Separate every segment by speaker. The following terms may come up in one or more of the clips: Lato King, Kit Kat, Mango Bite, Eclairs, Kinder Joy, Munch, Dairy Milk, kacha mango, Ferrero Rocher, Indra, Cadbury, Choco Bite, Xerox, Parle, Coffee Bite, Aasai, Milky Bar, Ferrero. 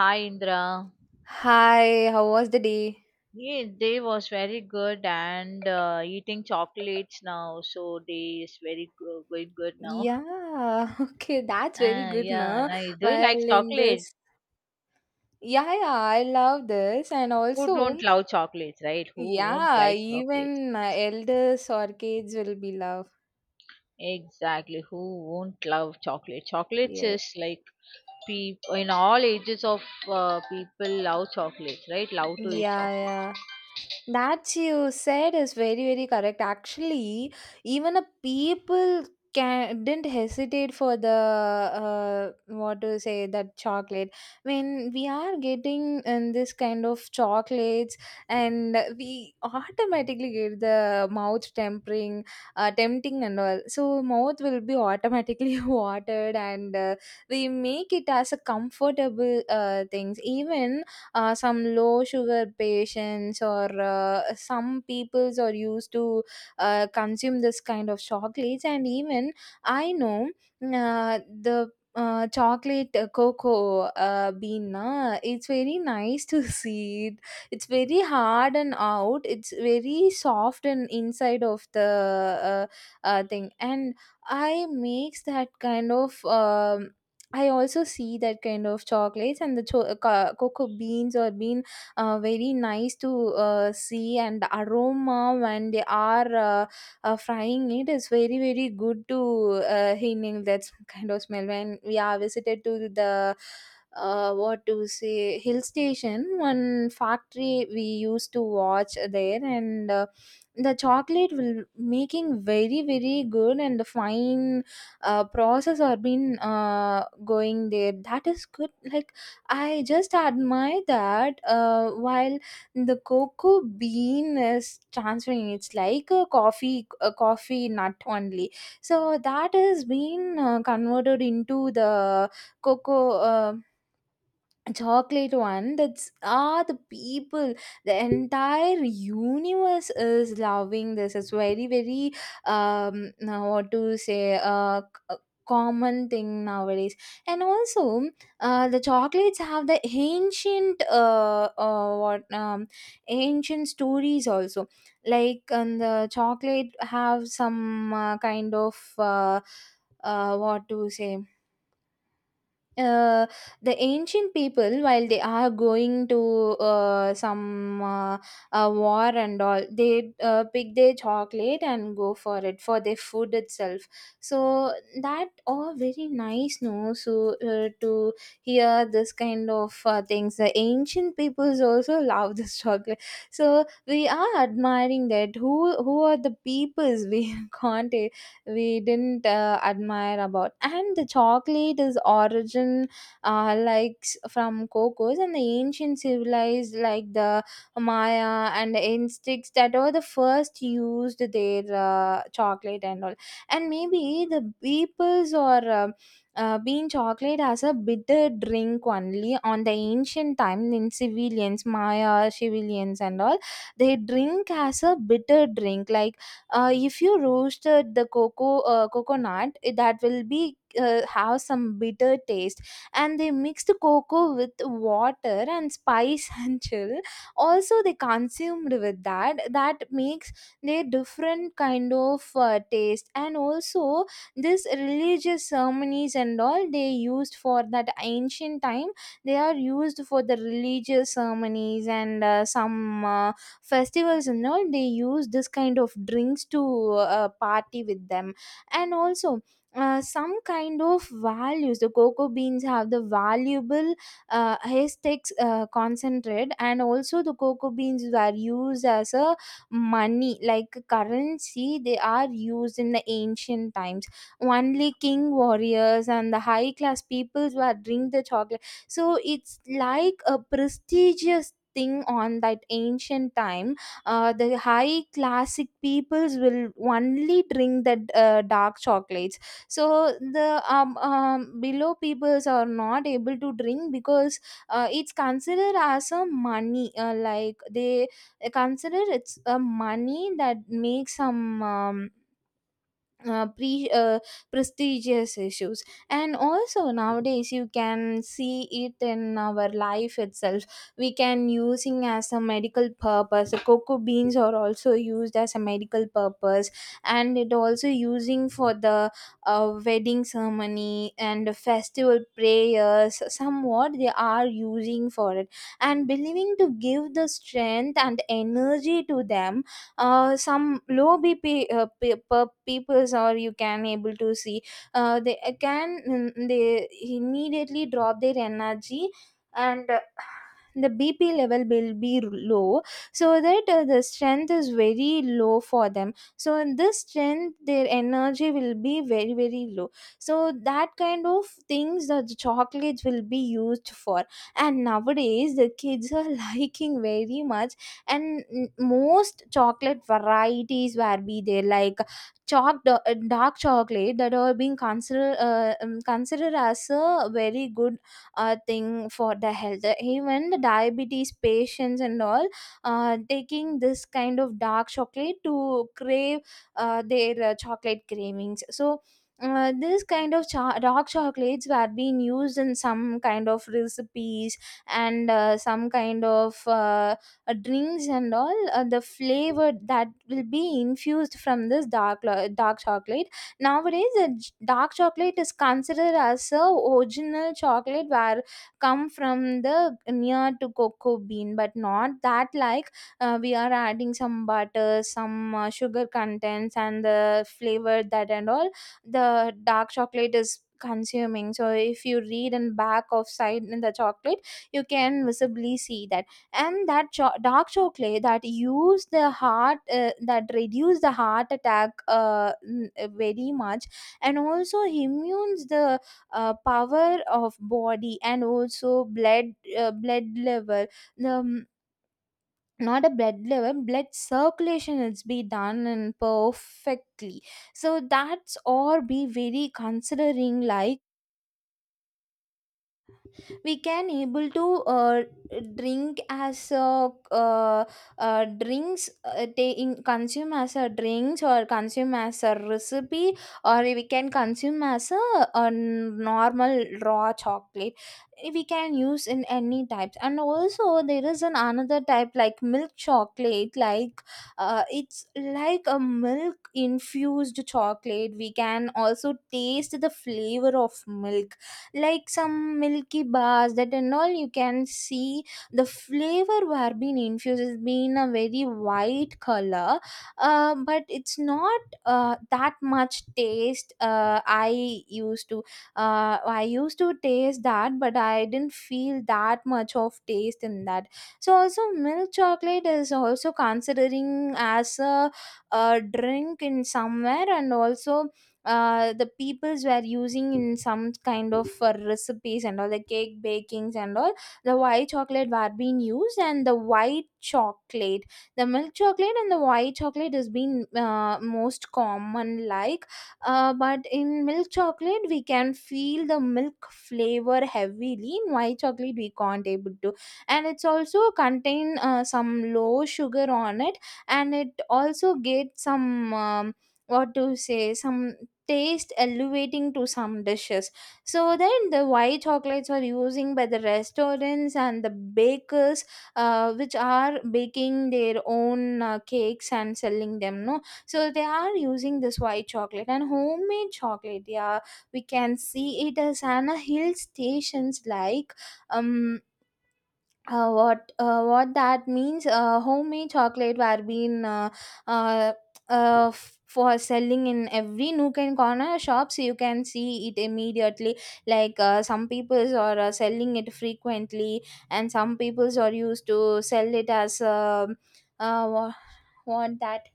Speaker 1: Hi Indra.
Speaker 2: Hi, how was the day?
Speaker 1: Yeah, they was very good and eating chocolates now, so they is very good now.
Speaker 2: Yeah, okay, that's very
Speaker 1: Ah,
Speaker 2: good,
Speaker 1: yeah,
Speaker 2: na?
Speaker 1: nice. Do you
Speaker 2: Well,
Speaker 1: like
Speaker 2: in
Speaker 1: chocolates?
Speaker 2: this, yeah, yeah, I love this, and
Speaker 1: Who
Speaker 2: also,
Speaker 1: don't love chocolates, right? Who won't
Speaker 2: yeah,
Speaker 1: like chocolate?
Speaker 2: even elders or kids will be love.
Speaker 1: Exactly. Who won't love chocolate? Chocolates
Speaker 2: Yes.
Speaker 1: is like people in all ages of people love chocolates, right? Love to eat
Speaker 2: Yeah,
Speaker 1: chocolate.
Speaker 2: yeah. That you said is very, very correct. Actually, even a people can didn't hesitate for the, what to say, that chocolate when we are getting in this kind of chocolates, and we automatically get the mouth tempering, tempting and all, so mouth will be automatically watered, and we make it as a comfortable things, even some low sugar patients or some peoples are used to consume this kind of chocolates. And even I know, uh, the chocolate cocoa bean na, it's very nice to see it. It's very hard and out, it's very soft and inside of the uh, thing. And I makes that kind of I also see that kind of chocolates, and the cocoa beans or bean very nice to see, and the aroma when they are frying it is very very good to inhale that kind of smell when we are visited to the, what to say, hill station. One factory we used to watch there, and the chocolate will making very very good and fine process or been going there, that is good. Like, I just admire that while the cocoa bean is transferring, it's like a coffee, a coffee nut only. So that has been converted into the cocoa chocolate one. That's ah, the people, the entire universe is loving this. It's very very now, what to say, common thing nowadays. And also, the chocolates have the ancient, what ancient stories also, like. And the chocolate have some kind of, what to say, uh, the ancient people, while they are going to some war and all, they pick their chocolate and go for it, for their food itself. So that all very nice, no? So to hear this kind of things, the ancient peoples also love this chocolate. So we are admiring that. Who are the peoples, we can't, we didn't admire about. And the chocolate is origin, like, from cocos, and the ancient civilized, like the maya and the instincts, that were the first used their chocolate and all. And maybe the peoples or bean chocolate as a bitter drink only on the ancient time, in civilians, maya civilians and all. They drink as a bitter drink, like, if you roasted the cocoa coconut, eh, that will be have some bitter taste, and they mix the cocoa with water and spice and chill. Also, they consumed with that. That makes their different kind of taste, and also this religious ceremonies and all they used for that ancient time. They are used for the religious ceremonies, and some. Festivals and all, they use this kind of drinks to party with them. And also some kind of values, the cocoa beans have the valuable aesthetics concentrate. And also the cocoa beans were used as a money, like currency they are used in the ancient times. Only king warriors and the high class peoples were drink the chocolate, so it's like a prestigious thing on that ancient time. The high classic peoples will only drink that dark chocolates. So the below peoples are not able to drink, because it's considered as a money, like they consider it's a money, that makes some uh, pre uh, prestigious issues. And also nowadays you can see it in our life itself. We can using as a medical purpose, the cocoa beans are also used as a medical purpose. And it also using for the wedding ceremony and the festival prayers, somewhat they are using for it, and believing to give the strength and energy to them. Some low bp peoples, or you can able to see they can, they immediately drop their energy, and the bp level will be low. So that the strength is very low for them, so in this strength their energy will be very very low. So that kind of things that the chocolates will be used for. And nowadays the kids are liking very much. And most chocolate varieties were be there, like dark chocolate, that are being considered, considered as a very good thing for the health. Even the diabetes patients and all taking this kind of dark chocolate to crave their chocolate cravings. So this kind of dark chocolates were being used in some kind of recipes, and some kind of drinks and all, the flavor that will be infused from this dark chocolate. Nowadays the dark chocolate is considered as a original chocolate, where come from the near to cocoa bean. But not that, like, we are adding some butter, some sugar contents and the flavor that and all, the dark chocolate is consuming. So if you read and back of side in the chocolate, you can visibly see that. And that dark chocolate that use the heart, that reduce the heart attack very much. And also immunes the power of body, and also blood blood level, the not a blood level, blood circulation is be done and perfectly. So that's all be very considering, like, we can able to drink as a, drinks, they in consume as a drinks, or consume as a recipe, or we can consume as a normal raw chocolate. We can use in any types. And also there is an another type like milk chocolate, like, it's like a milk infused chocolate, we can also taste the flavor of milk, like some milky bars that and all you can see. The flavor were being infused has been a very white color, but it's not that much taste. Uh, i used to uh, I used to taste that, but I didn't feel that much of taste in that. So also milk chocolate is also considering as a drink in somewhere. And also the peoples were using in some kind of recipes and all, the cake bakings and all, the white chocolate were being used. And the white chocolate, the milk chocolate and the white chocolate has been most common, like, but in milk chocolate we can feel the milk flavor heavily, in white chocolate we can't able to. And it's also contain some low sugar on it, and it also get some, what to say, some taste elevating to some dishes. So then the white chocolates are using by the restaurants and the bakers, which are baking their own cakes and selling them, no? So they are using this white chocolate and homemade chocolate. Yeah, we can see it as an a hill stations, like, um what, what that means, homemade chocolate were being uh, for selling in every nook and corner shops. You can see it immediately, like, some peoples are selling it frequently. And some peoples are used to sell it as, uh, what, what that,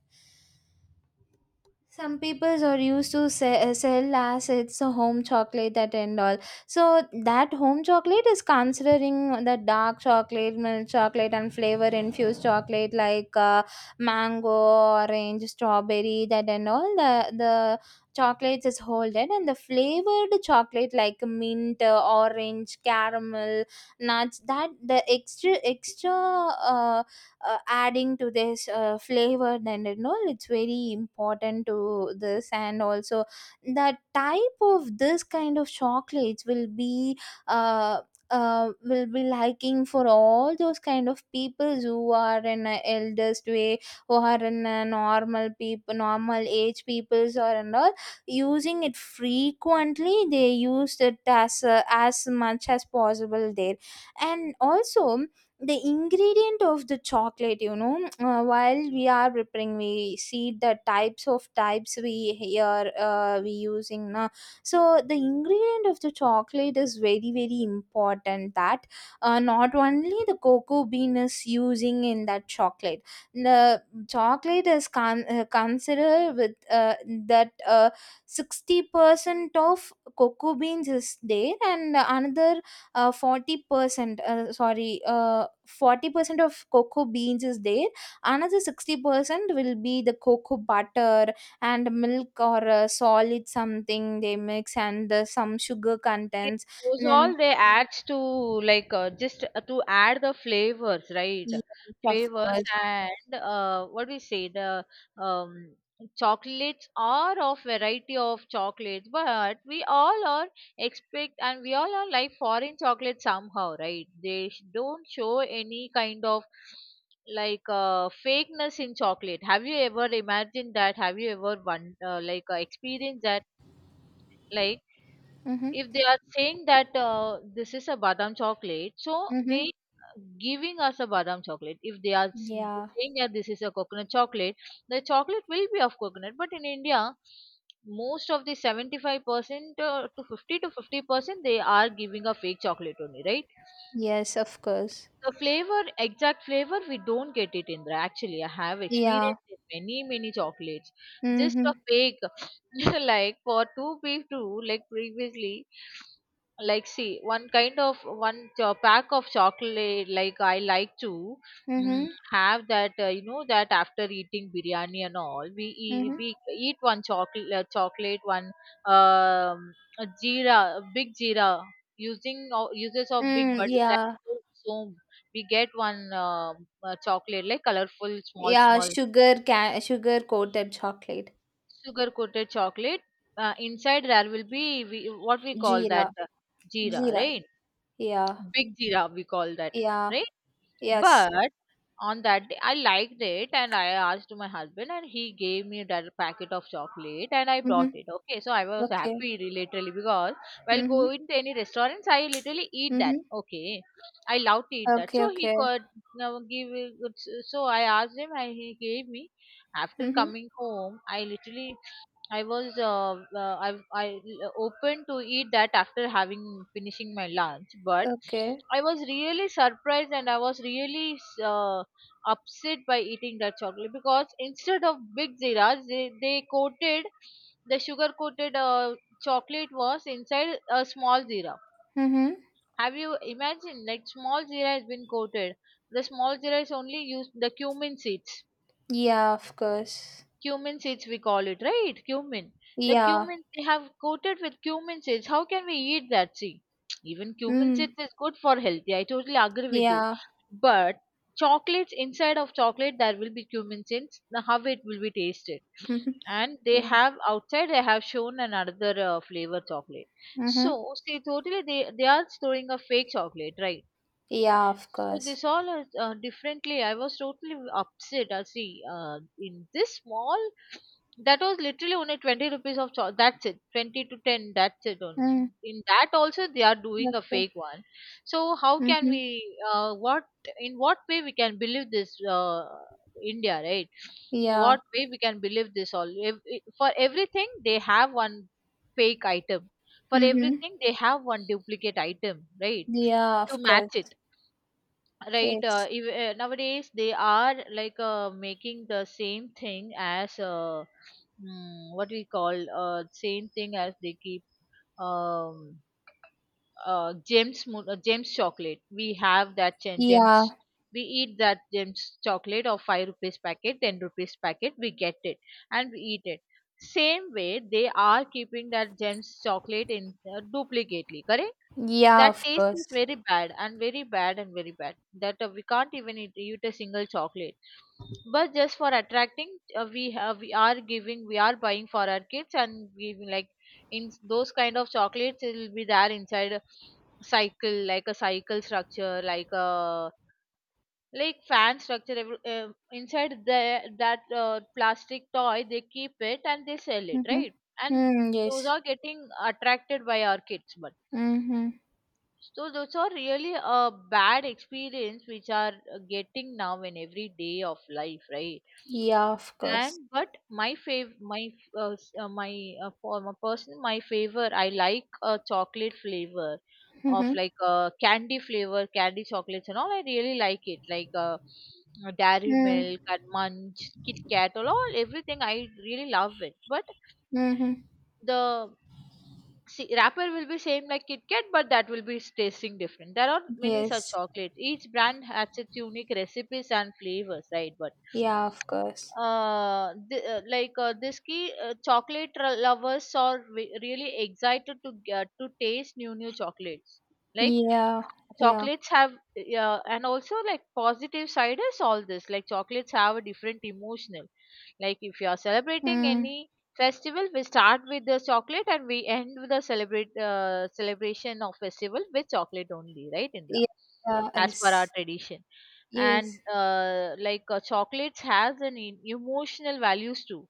Speaker 2: some peoples are used to sell as it's a home chocolate that and all. So that home chocolate is considering the dark chocolate, milk chocolate, and flavor infused chocolate, like mango, orange, strawberry, that and all. The chocolates is holded. And the flavored chocolate like mint, orange, caramel, nuts, that the extra extra adding to this flavor, and it's very important to this. And also the type of this kind of chocolates uh, will be liking for all those kind of people who are in a eldest way, who are in a normal people, normal age peoples or and all, using it frequently, they used it as much as possible there. And also the ingredient of the chocolate, while we are preparing, we see the types of types we here we using now. So the ingredient of the chocolate is very very important, that not only the cocoa bean is using in that chocolate. The chocolate is considered with that 60% of cocoa beans is there, and another 40%, sorry 40% of cocoa beans is there, another 60% will be the cocoa butter, and milk or solid something they mix and some sugar
Speaker 1: Yeah,
Speaker 2: contents
Speaker 1: those
Speaker 2: and then
Speaker 1: all they adds to like just to add the flavors, right?
Speaker 2: yes of
Speaker 1: Flavors
Speaker 2: course.
Speaker 1: and what we say the um, chocolates are of variety of chocolates, but we all are expect and we all are like foreign chocolate somehow, right? Don't show any kind of like fakeness in chocolate. Have you ever imagined that? Have you ever one experienced that? Like
Speaker 2: Mm-hmm,
Speaker 1: if they are saying that this is a badam chocolate, so
Speaker 2: mm-hmm.
Speaker 1: they giving us a badam chocolate. If they are s-
Speaker 2: Yeah,
Speaker 1: Saying that this is a coconut chocolate, the chocolate will be of coconut. But in India, most of the 75% to 50 to 50% they are giving a fake chocolate only, right?
Speaker 2: yes of course,
Speaker 1: The flavor, exact flavor, we don't get it, Indra. Actually, I have
Speaker 2: yeah.
Speaker 1: experienced it many, many chocolates. Just
Speaker 2: Mm-hmm,
Speaker 1: a fake, like for two people, like previously, like see, one kind of pack of chocolate, like I like to mm,
Speaker 2: mm-hmm,
Speaker 1: have that, that after eating biryani and all,
Speaker 2: mm-hmm.
Speaker 1: we eat one chocolate, chocolate one, a jeera, a big jeera, using uses of big
Speaker 2: Mm,
Speaker 1: butter. That
Speaker 2: yeah,
Speaker 1: so we get one chocolate like colorful small
Speaker 2: yeah
Speaker 1: small
Speaker 2: sugar can sugar coated chocolate.
Speaker 1: sugar coated chocolate inside there will be what we call
Speaker 2: Jeera,
Speaker 1: that jeera,
Speaker 2: jeera,
Speaker 1: right?
Speaker 2: yeah,
Speaker 1: Big jeera we call that,
Speaker 2: yeah.
Speaker 1: right?
Speaker 2: Yes.
Speaker 1: But on that day, I liked it and I asked to my husband, and he gave me that packet of chocolate and I brought
Speaker 2: Mhm.
Speaker 1: it. Okay, so I was
Speaker 2: Okay.
Speaker 1: happy literally because while
Speaker 2: Mhm.
Speaker 1: going to any restaurants, I literally eat that.
Speaker 2: Mhm.
Speaker 1: Okay, I love to eat that.
Speaker 2: Okay.
Speaker 1: So he
Speaker 2: Okay.
Speaker 1: could now give it- so I asked him and he gave me. After
Speaker 2: Mhm.
Speaker 1: coming home, I literally I was I open to eat that after having finishing my lunch, but
Speaker 2: Okay.
Speaker 1: I was really surprised and I was really uh, upset by eating that chocolate because instead of big ziras, they coated the sugar coated chocolate was inside a small zira.
Speaker 2: Mhm.
Speaker 1: Have you imagined like small zira has been coated? The small zira is only used the cumin seeds.
Speaker 2: Yeah. Of course.
Speaker 1: Cumin seeds we call it, right? Cumin. The
Speaker 2: Yeah.
Speaker 1: cumin they have coated with cumin seeds. How can we eat that? See, even cumin seeds
Speaker 2: Mm.
Speaker 1: is good for healthy. I totally agree with you.
Speaker 2: Yeah.
Speaker 1: But chocolates inside of chocolate there will be cumin seeds. Now how it will be tasted?
Speaker 2: Mhm.
Speaker 1: And they
Speaker 2: Yeah.
Speaker 1: have outside they have shown another flavor chocolate.
Speaker 2: Mhm.
Speaker 1: So see, totally they are storing a fake chocolate, right?
Speaker 2: Yeah. Of
Speaker 1: So
Speaker 2: course.
Speaker 1: this all are differently. I was totally upset. I see. In this mall, that was literally only 20 rupees of that's it. 20 to ten. That's it. Only.
Speaker 2: Mm.
Speaker 1: In that also they are doing a
Speaker 2: Okay.
Speaker 1: fake one. So how can
Speaker 2: Mhm.
Speaker 1: we? What In what way we can believe this? India, right?
Speaker 2: Yeah.
Speaker 1: What way we can believe this all? For everything they have one fake item. For
Speaker 2: Mhm.
Speaker 1: everything they have one duplicate item, right?
Speaker 2: Yeah.
Speaker 1: To
Speaker 2: Of course.
Speaker 1: match it, right?
Speaker 2: Yes.
Speaker 1: Nowadays they are like making the same thing as what we call same thing as they keep um, gems chocolate we have that gems,
Speaker 2: Yeah.
Speaker 1: we eat that gems chocolate of 5 rupees packet 10 rupees packet we get it and we eat it. Same way they are keeping that gems chocolate in duplicately correct.
Speaker 2: Yeah.
Speaker 1: That
Speaker 2: Of
Speaker 1: taste
Speaker 2: course.
Speaker 1: is very bad and very bad and very bad. That we can't even eat a single chocolate. But just for attracting, we are giving, we are buying for our kids and giving like in those kind of chocolates. It will be there inside a cycle, like a cycle structure, like a like fan structure. Inside the that plastic toy, they keep it and they sell it,
Speaker 2: Mhm.
Speaker 1: right? And
Speaker 2: Mm, yes.
Speaker 1: those are getting attracted by our kids, but
Speaker 2: Mhm.
Speaker 1: so those are really a bad experience which are getting now in every day of life, right?
Speaker 2: Yeah. Of course.
Speaker 1: And but my fav my f- s- my for my person my favor I like a chocolate flavor of
Speaker 2: Mhm.
Speaker 1: like candy flavor candy chocolates and all I really like it like Dairy
Speaker 2: Mm.
Speaker 1: Milk and Munch Kit Kat everything I really love it but
Speaker 2: Mhm.
Speaker 1: the see, wrapper will be same like Kit Kat, but that will be tasting different. There are many such
Speaker 2: Yes.
Speaker 1: chocolates. Each brand has its unique recipes and flavors, right? But
Speaker 2: Yeah. Of course.
Speaker 1: this key chocolate lovers are really excited to get to taste new new chocolates, like
Speaker 2: Yeah, yeah.
Speaker 1: chocolates have, yeah, and also like positive side is all this like chocolates have a different emotional, like if you are celebrating
Speaker 2: Mm,
Speaker 1: any festival we start with the chocolate and we end with the celebrate celebration of festival with chocolate only, right, Indra?
Speaker 2: yeah, yeah,
Speaker 1: As per our
Speaker 2: yes,
Speaker 1: tradition. And
Speaker 2: yes,
Speaker 1: chocolates has an emotional values too,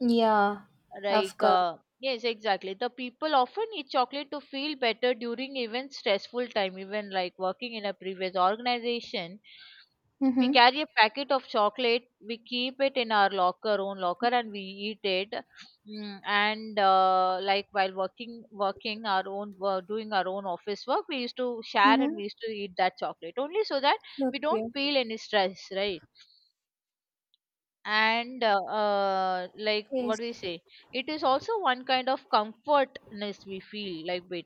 Speaker 2: yeah, of
Speaker 1: like,
Speaker 2: course.
Speaker 1: yes, exactly. The people often eat chocolate to feel better during even stressful time, even like working in a previous organization. We
Speaker 2: Mm-hmm,
Speaker 1: carry a packet of chocolate, we keep it in our locker, own locker, and we eat it. Mm, and like while working, doing our own office work,
Speaker 2: mm-hmm.
Speaker 1: we used to eat that chocolate only so that we
Speaker 2: Okay,
Speaker 1: don't feel any stress, right? And like what
Speaker 2: yes,
Speaker 1: we say, it is also one kind of comfortness we feel like with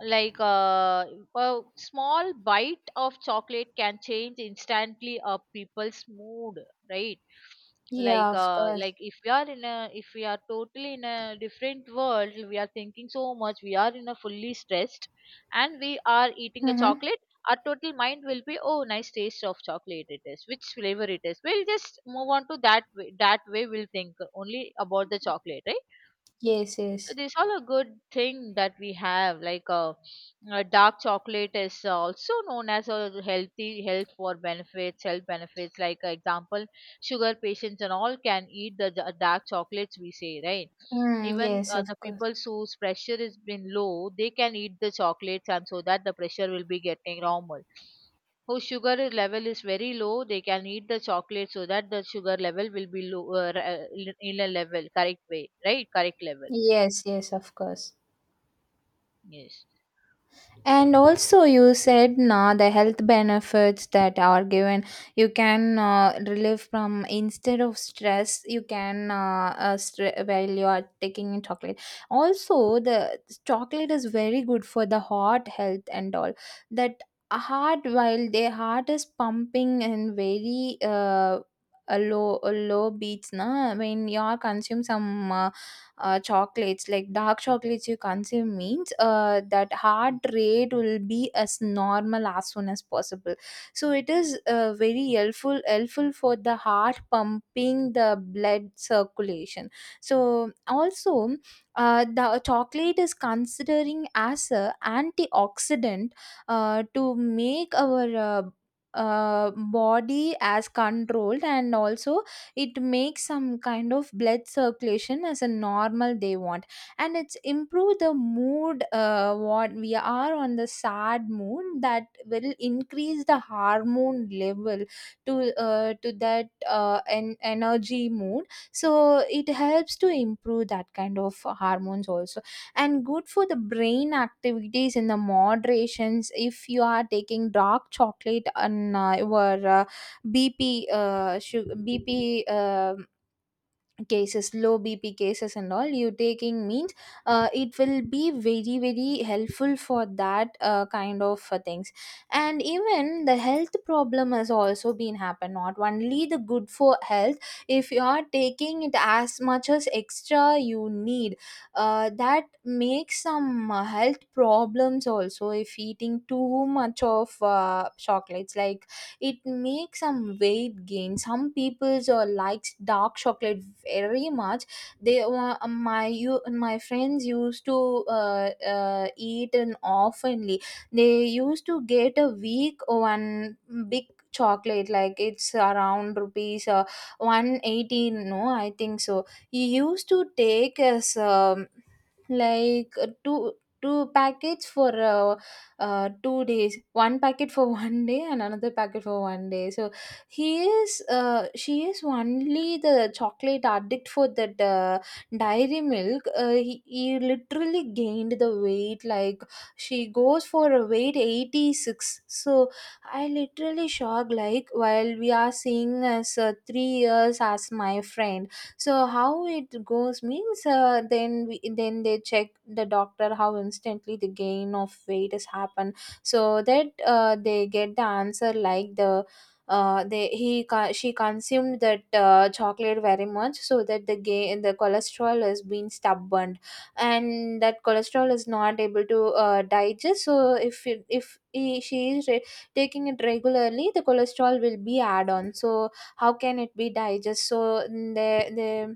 Speaker 1: like a small bite of chocolate can change instantly a people's mood, right?
Speaker 2: yeah,
Speaker 1: Like
Speaker 2: of course.
Speaker 1: if we are in a, if we are totally in a different world, we are thinking so much, we are in a fully stressed and we are eating a
Speaker 2: Mm-hmm,
Speaker 1: chocolate, our total mind will be, oh nice taste of chocolate it is, which flavor it is, we'll just move on to that way, that way we'll think only about the chocolate, right?
Speaker 2: yes,
Speaker 1: So
Speaker 2: yes.
Speaker 1: this all a good thing that we have. Like dark chocolate is also known as a healthy health for benefits, health benefits. Like example, sugar patients and all can eat the dark chocolates, we say, right.
Speaker 2: Mm,
Speaker 1: Even
Speaker 2: yes, of
Speaker 1: the
Speaker 2: course.
Speaker 1: people whose pressure has been low, they can eat the chocolates, and so that the pressure will be getting normal. Whose level is very low, they can eat the chocolate so that the sugar level will be low in a level correct way, right? Correct level.
Speaker 2: Yes, yes, of course.
Speaker 1: Yes.
Speaker 2: And also, you said na the health benefits that are given, you can relieve from instead of stress, you can stre- while you are taking in chocolate. Also, the chocolate is very good for the heart health and all. That heart, while their heart is pumping and very a low beats, na when you are consume some. Chocolates like dark chocolates you consume means that heart rate will be as normal as soon as possible, so it is very helpful for the heart pumping the blood circulation. So also the chocolate is considering as a antioxidant to make our body as controlled, and also it makes some kind of blood circulation as a normal they want. And it's improve the mood, what we are on the sad mood that will increase the hormone level to that energy mood. So it helps to improve that kind of hormones also. And good for the brain activities in the moderations, if you are taking dark chocolate and your BP BP cases, low BP cases, and all you taking means it will be very very helpful for that kind of things. And even the health problem has also been happen. Not only the good for health, if you are taking it as much as extra you need, that makes some health problems also. If eating too much of chocolates, like it makes some weight gain. Some people likes dark chocolate very much. My friends used to eat an oftenly. They used to get a week one big chocolate, like it's around rupees 118, no I think so. He used to take as like two packets for 2 days, one packet for 1 day and another packet for 1 day. So he is she is only the chocolate addict for that dairy milk. He literally gained the weight, like she goes for a weight 86. So I literally shocked, like while we are seeing as 3 years as my friend. So how it goes means then they check the doctor how instantly the gain of weight has happened. So that they get the answer, like the she consumed that chocolate very much, so that the gain the cholesterol has been stubborn. And that cholesterol is not able to digest. So if she is taking it regularly, the cholesterol will be add on. So how can it be digest? So mm, they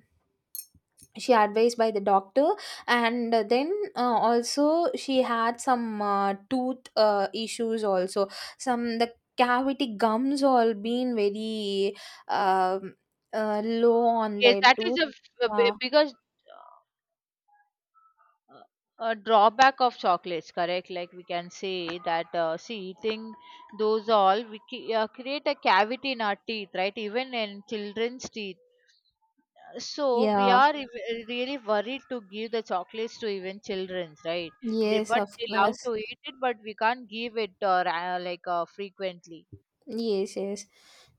Speaker 2: she advised by the doctor. And then also she had some tooth issues also. Some the cavity gums all been very um low on
Speaker 1: Yes,
Speaker 2: their
Speaker 1: that is
Speaker 2: tooth.
Speaker 1: a
Speaker 2: Yeah,
Speaker 1: because uh, a drawback of chocolates, correct? Like we can say that, see, eating those all, we create a cavity in our teeth, right? Even in children's teeth. So we
Speaker 2: yeah,
Speaker 1: are really worried to give the chocolates to even children's, right? They
Speaker 2: yes
Speaker 1: but
Speaker 2: of
Speaker 1: they love
Speaker 2: course.
Speaker 1: to eat it, but we can't give it frequently.
Speaker 2: Yes, yes.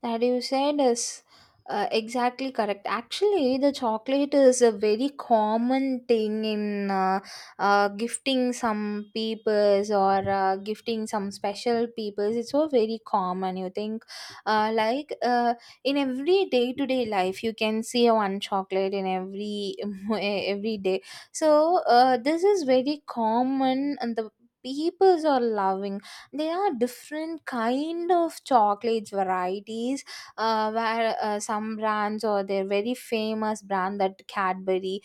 Speaker 2: That you said is exactly correct. Actually, the chocolate is a very common thing in gifting some peoples or gifting some special peoples. It's so very common. You think, uh, like uh, in every day to day life, you can see one chocolate in every every day. So this is very common, and the peoples are loving. There are different kind of chocolate varieties, where some brands or their very famous brand, that Cadbury.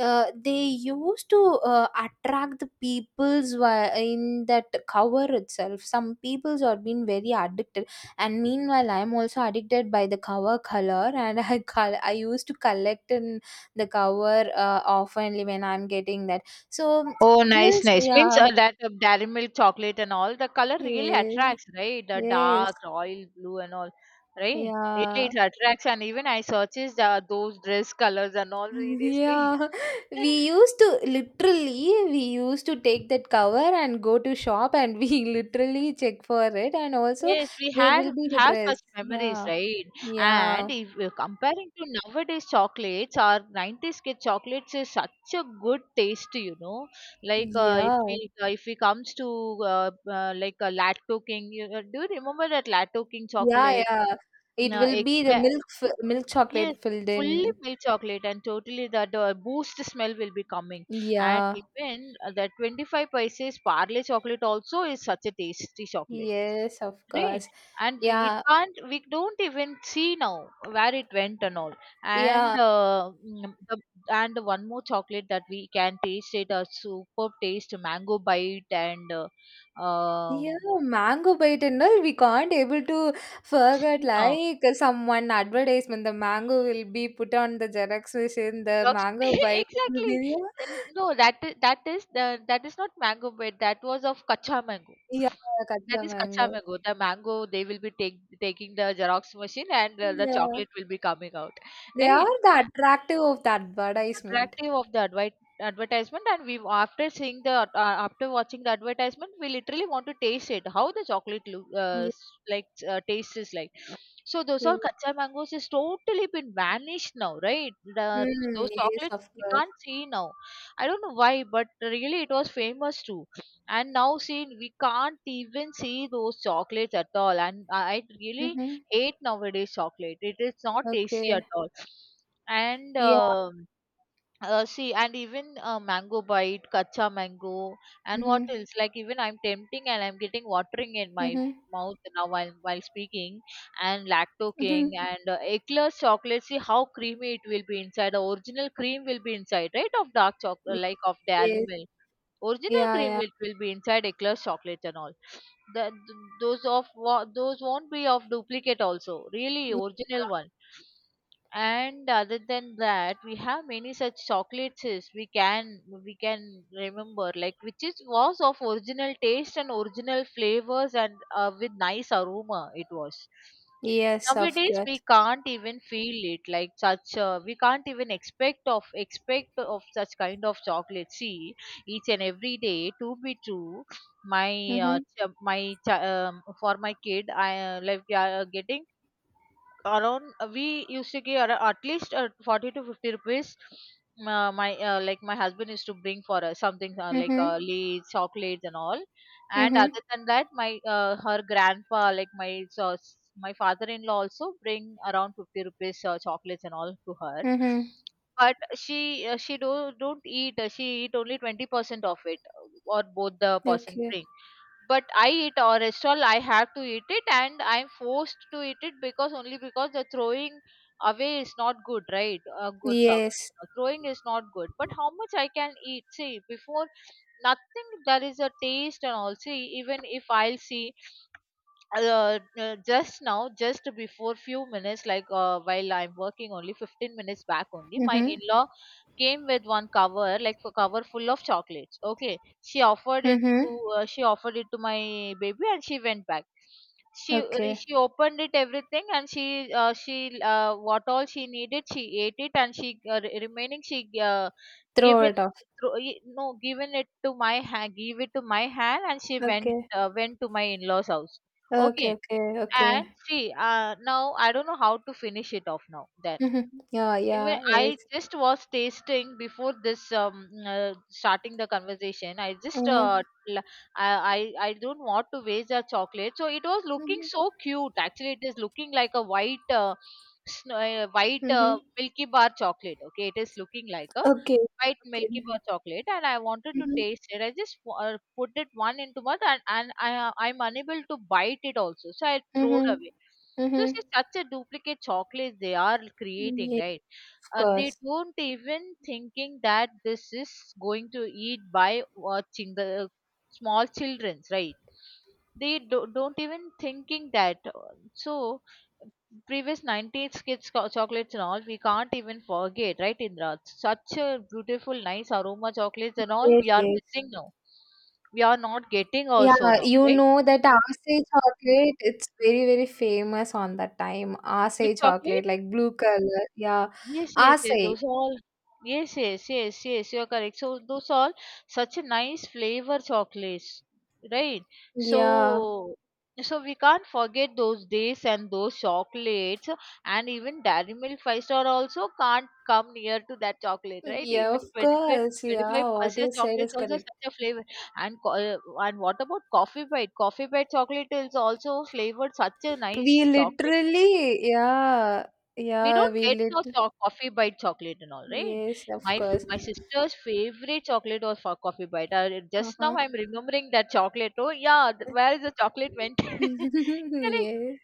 Speaker 2: They used to attract the people's in that cover itself. Some people's are been very addicted, and meanwhile I'm also addicted by the cover color, and I used to collect in the cover oftenly when I'm getting that. So
Speaker 1: Oh, nice,
Speaker 2: this,
Speaker 1: nice. Means
Speaker 2: yeah,
Speaker 1: that dairy milk chocolate and all, the color really
Speaker 2: yes,
Speaker 1: attracts, right? The
Speaker 2: yes.
Speaker 1: dark, royal blue and all, right? Really,
Speaker 2: Yeah,
Speaker 1: it attracts. And even I searches those dress colors and all, seriously.
Speaker 2: yeah. We used to take that cover and go to shop, and we literally check for it. And also,
Speaker 1: Yes, we
Speaker 2: there
Speaker 1: had
Speaker 2: will be
Speaker 1: we
Speaker 2: the
Speaker 1: have
Speaker 2: dress.
Speaker 1: such memories,
Speaker 2: Yeah,
Speaker 1: right? And
Speaker 2: yeah,
Speaker 1: if you're comparing to nowadays chocolates or 90s kid chocolates is such a good taste, you know. Like
Speaker 2: yeah,
Speaker 1: if we comes to like a Lato King, you, do you remember that Lato King
Speaker 2: yeah,
Speaker 1: chocolate?
Speaker 2: yeah. It will be the
Speaker 1: Eclair,
Speaker 2: milk, milk
Speaker 1: yes,
Speaker 2: chocolate filled
Speaker 1: fully
Speaker 2: in.
Speaker 1: milk chocolate and totally that boost smell will be coming. And
Speaker 2: Yeah,
Speaker 1: even the 25 paise parle chocolate also is such a tasty chocolate.
Speaker 2: yes, of
Speaker 1: Right.
Speaker 2: course.
Speaker 1: And we it
Speaker 2: Yeah,
Speaker 1: can't we don't even see now where it went and all. And
Speaker 2: yeah.
Speaker 1: uh, mm, the, and one more chocolate that we can taste, it a superb taste, mango bite. And
Speaker 2: Yeah,
Speaker 1: um
Speaker 2: mango bite and all, we can't able to forget,
Speaker 1: you know
Speaker 2: like someone advertisement, the mango will be put on the Xerox machine, the
Speaker 1: Xerox
Speaker 2: mango bite will
Speaker 1: exactly.
Speaker 2: be.
Speaker 1: And no, that is not mango bite, that was of kacha mango.
Speaker 2: Yeah, yeah,
Speaker 1: That
Speaker 2: Kacha
Speaker 1: is kacha
Speaker 2: mango.
Speaker 1: mango, the mango they will be taking the Xerox machine and the
Speaker 2: Yeah.
Speaker 1: chocolate will be coming out,
Speaker 2: They are
Speaker 1: right?
Speaker 2: the attractive of the advertisement.
Speaker 1: Attractive of the advertisement. And we after seeing the after watching the advertisement, we literally want to taste it, how the chocolate look
Speaker 2: Yes.
Speaker 1: like taste is like. So those are
Speaker 2: Yes.
Speaker 1: kacha mangoes is totally been vanished now, right? the,
Speaker 2: Mm,
Speaker 1: those
Speaker 2: yes,
Speaker 1: chocolates
Speaker 2: of
Speaker 1: we
Speaker 2: course.
Speaker 1: can't see now. I don't know why, but really it was famous too. And now see, we can't even see those chocolates at all, and I really
Speaker 2: Mm-hmm.
Speaker 1: hate nowadays chocolate, it is not tasty
Speaker 2: Okay.
Speaker 1: at all. And
Speaker 2: Yeah.
Speaker 1: See, and even mango bite, kacha mango, and what
Speaker 2: Mm-hmm.
Speaker 1: else, like even I'm tempting and I'm getting watering in my
Speaker 2: Mm-hmm.
Speaker 1: mouth now while speaking. And Lacto King and Eclairs chocolate, see how creamy it will be inside, the original cream will be inside, right, of dark
Speaker 2: Yes,
Speaker 1: chocolate like of Dairy
Speaker 2: yes.
Speaker 1: Milk. Original
Speaker 2: Yeah,
Speaker 1: cream
Speaker 2: yeah.
Speaker 1: will be inside Eclairs chocolate and all. The, th- those of wa- those won't be of duplicate also, really
Speaker 2: Yeah.
Speaker 1: original one. And other than that, we have many such chocolates is we can remember like which is was of original taste and original flavors, and with nice aroma it was.
Speaker 2: Yes, of
Speaker 1: Nowadays we
Speaker 2: course.
Speaker 1: can't even feel it, like such we can't even expect of such kind of chocolate, see. Each and every day, to be true, my
Speaker 2: Mm-hmm.
Speaker 1: for my kid, I like we are getting around, we used to give at least 40 to 50 rupees. My Like my husband used to bring for us something like
Speaker 2: Mm-hmm.
Speaker 1: leads chocolates and all. And
Speaker 2: Mm-hmm.
Speaker 1: other than that, my her grandpa, like my my father-in-law also bring around 50 rupees chocolates and all to her.
Speaker 2: Mm-hmm.
Speaker 1: But she don't eat, she eat only 20% of it, or both the person
Speaker 2: Okay.
Speaker 1: bring, but I eat or restaurant, I have to eat it, and I'm forced to eat it, because only because the throwing away is not good, right? A good chocolate.
Speaker 2: Yes.
Speaker 1: Throwing is not good, but how much I can eat? See, before, nothing, there is a taste and all. See, even if I'll see, just now, just before few minutes, like while I'm working, only 15 minutes back, only my
Speaker 2: Mhm.
Speaker 1: in-law came with one cover, like a cover full of chocolates, okay. She offered it
Speaker 2: Mhm.
Speaker 1: to, she offered it to my baby and she went back. She
Speaker 2: Okay.
Speaker 1: she opened it everything, and she what all she needed she ate it, and she remaining she uh, give
Speaker 2: Throw
Speaker 1: it
Speaker 2: it off.
Speaker 1: thro- y- no given it to my hand, and she
Speaker 2: Okay.
Speaker 1: went to my in-laws house.
Speaker 2: Okay.
Speaker 1: Okay.
Speaker 2: Okay.
Speaker 1: And
Speaker 2: Okay.
Speaker 1: see, now I don't know how to finish it off now then.
Speaker 2: Mhm. Yeah.
Speaker 1: Even
Speaker 2: Yeah. Yes.
Speaker 1: I just was tasting before this starting the conversation. I just
Speaker 2: Mhm.
Speaker 1: l- I don't want to waste the chocolate. So it was looking
Speaker 2: Mhm.
Speaker 1: so cute. Actually, it is looking like a white snow, white
Speaker 2: Mhm.
Speaker 1: Milky Bar chocolate. Okay, it is looking like a
Speaker 2: Okay.
Speaker 1: white
Speaker 2: Okay.
Speaker 1: Milky Bar chocolate, and I wanted to
Speaker 2: Mhm.
Speaker 1: taste it. I just put it one into mouth, and, I I'm unable to bite it also, so I throw it
Speaker 2: Mhm.
Speaker 1: away. So it's
Speaker 2: Mhm.
Speaker 1: such a duplicate chocolate they are creating,
Speaker 2: Yes.
Speaker 1: right?
Speaker 2: Of
Speaker 1: They
Speaker 2: course.
Speaker 1: don't even thinking that this is going to eat by watching the small childrens, right? Don't even thinking that. So previous 90s kids chocolates and all we can't even forget, right, Indra? Such a beautiful, nice aroma chocolates and all
Speaker 2: Yes.
Speaker 1: we are
Speaker 2: Yes.
Speaker 1: missing now. We are not getting
Speaker 2: Yeah.
Speaker 1: also now,
Speaker 2: You
Speaker 1: right?
Speaker 2: know that Aasai chocolate. It's very very famous on that time.
Speaker 1: With
Speaker 2: Aasai
Speaker 1: chocolate.
Speaker 2: chocolate, like blue color. Yeah.
Speaker 1: Yes, yes, yes.
Speaker 2: Aasai.
Speaker 1: Those are all. Yes, yes, yes, yes, you're correct. So those are all such a nice flavor chocolates, right?
Speaker 2: Yeah.
Speaker 1: So, so we can't forget those days and those chocolates, and even Dairy Milk five star also can't come near to that chocolate, right?
Speaker 2: Yeah. Of
Speaker 1: Even
Speaker 2: course.
Speaker 1: twenty five
Speaker 2: Yeah. What
Speaker 1: percent
Speaker 2: you said
Speaker 1: chocolate
Speaker 2: is
Speaker 1: is also
Speaker 2: correct.
Speaker 1: such a flavor. And and what about Coffee Bite? Coffee Bite chocolate is also flavored, such a nice
Speaker 2: We
Speaker 1: chocolate.
Speaker 2: literally, yeah,
Speaker 1: We
Speaker 2: yeah,
Speaker 1: don't
Speaker 2: we
Speaker 1: get no
Speaker 2: lit.
Speaker 1: coffee bite chocolate and all, right?
Speaker 2: Yes, of
Speaker 1: My
Speaker 2: course.
Speaker 1: my sister's favorite chocolate was for coffee bite. Just
Speaker 2: Uh-huh.
Speaker 1: now I'm remembering that chocolate. Oh yeah, where is the chocolate went? Correct.
Speaker 2: Yes.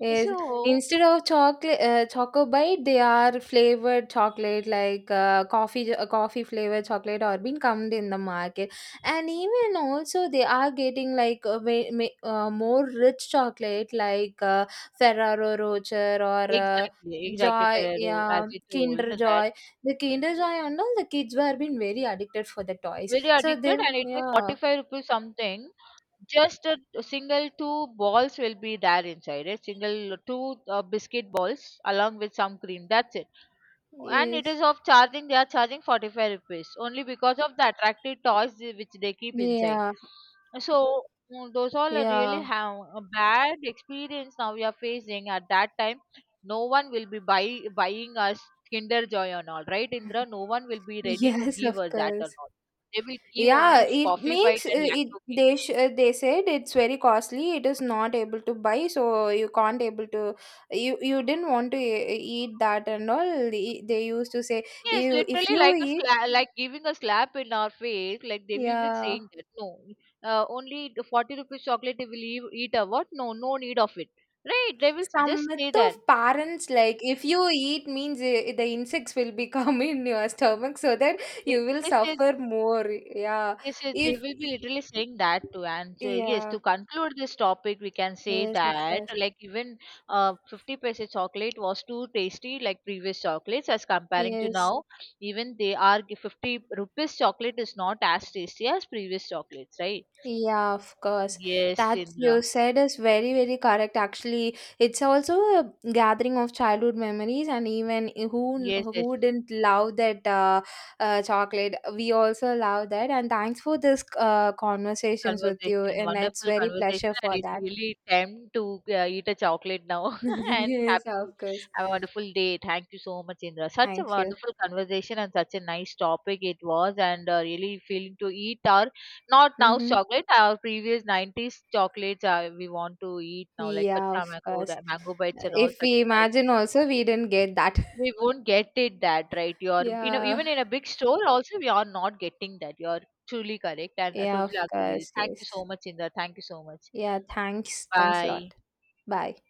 Speaker 2: Yes.
Speaker 1: So
Speaker 2: Instead of chocolate, Choco Bite, they are flavored chocolate like coffee, coffee flavored chocolate are being come in the market. And even also they are getting like a way, more rich chocolate like Ferrero Rocher or
Speaker 1: exactly, exactly,
Speaker 2: Joy,
Speaker 1: Ferrero, as
Speaker 2: yeah,
Speaker 1: you told
Speaker 2: Kinder
Speaker 1: that,
Speaker 2: Joy. The Kinder
Speaker 1: okay,
Speaker 2: Joy and all the kids were being very addicted for the toys.
Speaker 1: very
Speaker 2: So they,
Speaker 1: addicted, and it was
Speaker 2: yeah,
Speaker 1: 45 rupees something. Just a single two balls will be there inside. A single two biscuit balls along with some cream, that's it. And it
Speaker 2: yes,
Speaker 1: is of charging, they are charging 45 rupees only because of the attractive toys which they keep inside.
Speaker 2: yeah.
Speaker 1: So those all are really
Speaker 2: Yeah.
Speaker 1: have a bad experience now we are facing. At that time, no one will be buying us Kinder Joy and all, right, Indra? No one will be ready to
Speaker 2: Yes,
Speaker 1: give
Speaker 2: of
Speaker 1: us that or
Speaker 2: course.
Speaker 1: not. They will give
Speaker 2: Yeah,
Speaker 1: only
Speaker 2: it
Speaker 1: coffee
Speaker 2: makes
Speaker 1: bite and
Speaker 2: it
Speaker 1: lacto.
Speaker 2: they sh they said it's very costly. It is not able to buy, so you can't able to. You didn't want to eat that and all. They used to say,
Speaker 1: Yes,
Speaker 2: you if
Speaker 1: literally
Speaker 2: you
Speaker 1: like a
Speaker 2: eat,
Speaker 1: like giving a slap in our face. Like they will be
Speaker 2: yeah,
Speaker 1: saying that no, only the 40 rupees chocolate they will eat, eat a what? No, no need of it, right? They will
Speaker 2: some
Speaker 1: just say
Speaker 2: myth of
Speaker 1: that.
Speaker 2: parents, like if you eat means the insects will become in your stomach, so that
Speaker 1: They,
Speaker 2: you will
Speaker 1: yes, yes,
Speaker 2: suffer more. Yeah,
Speaker 1: yes, yes, they
Speaker 2: if,
Speaker 1: will be literally saying that too. And yes,
Speaker 2: yeah,
Speaker 1: to conclude this topic, we can say
Speaker 2: yes of
Speaker 1: that
Speaker 2: course,
Speaker 1: like even 50 paise chocolate was too tasty, like previous chocolates as comparing to
Speaker 2: yes.
Speaker 1: now. Even they are 50 rupees chocolate is not as tasty as previous chocolates, right?
Speaker 2: Yeah, of course.
Speaker 1: Yes,
Speaker 2: That
Speaker 1: Indra.
Speaker 2: you said is very, very correct. Actually, it's also a gathering of childhood memories, and even
Speaker 1: Yes, yes.
Speaker 2: who didn't love that chocolate? We also love that. And thanks for this conversations with you,
Speaker 1: Conversation,
Speaker 2: and it's
Speaker 1: wonderful
Speaker 2: very pleasure
Speaker 1: conversation, and
Speaker 2: for
Speaker 1: it
Speaker 2: that.
Speaker 1: really time to eat a chocolate now. And
Speaker 2: Yes,
Speaker 1: happy,
Speaker 2: of course.
Speaker 1: have a wonderful day. Thank you so much, Indra. Such a
Speaker 2: Thank you.
Speaker 1: wonderful conversation and such a nice topic it was, and really feeling to eat our not now
Speaker 2: Mm-hmm.
Speaker 1: chocolate, our previous '90s chocolates. We want to eat now, like
Speaker 2: Yeah, of
Speaker 1: kacha mango,
Speaker 2: course.
Speaker 1: mango bites, and all.
Speaker 2: If
Speaker 1: Such
Speaker 2: we
Speaker 1: a nice.
Speaker 2: imagine also, we didn't get that.
Speaker 1: We won't get it that, right? You're you know
Speaker 2: Yeah.
Speaker 1: even in a big store also we are not getting that. You're truly correct, and I
Speaker 2: Yeah,
Speaker 1: totally
Speaker 2: of
Speaker 1: agree with you.
Speaker 2: course.
Speaker 1: Thank
Speaker 2: Yes.
Speaker 1: you so much, Indra. Thank you so much.
Speaker 2: Yeah, thanks. Thanks a
Speaker 1: Bye.
Speaker 2: lot. Bye.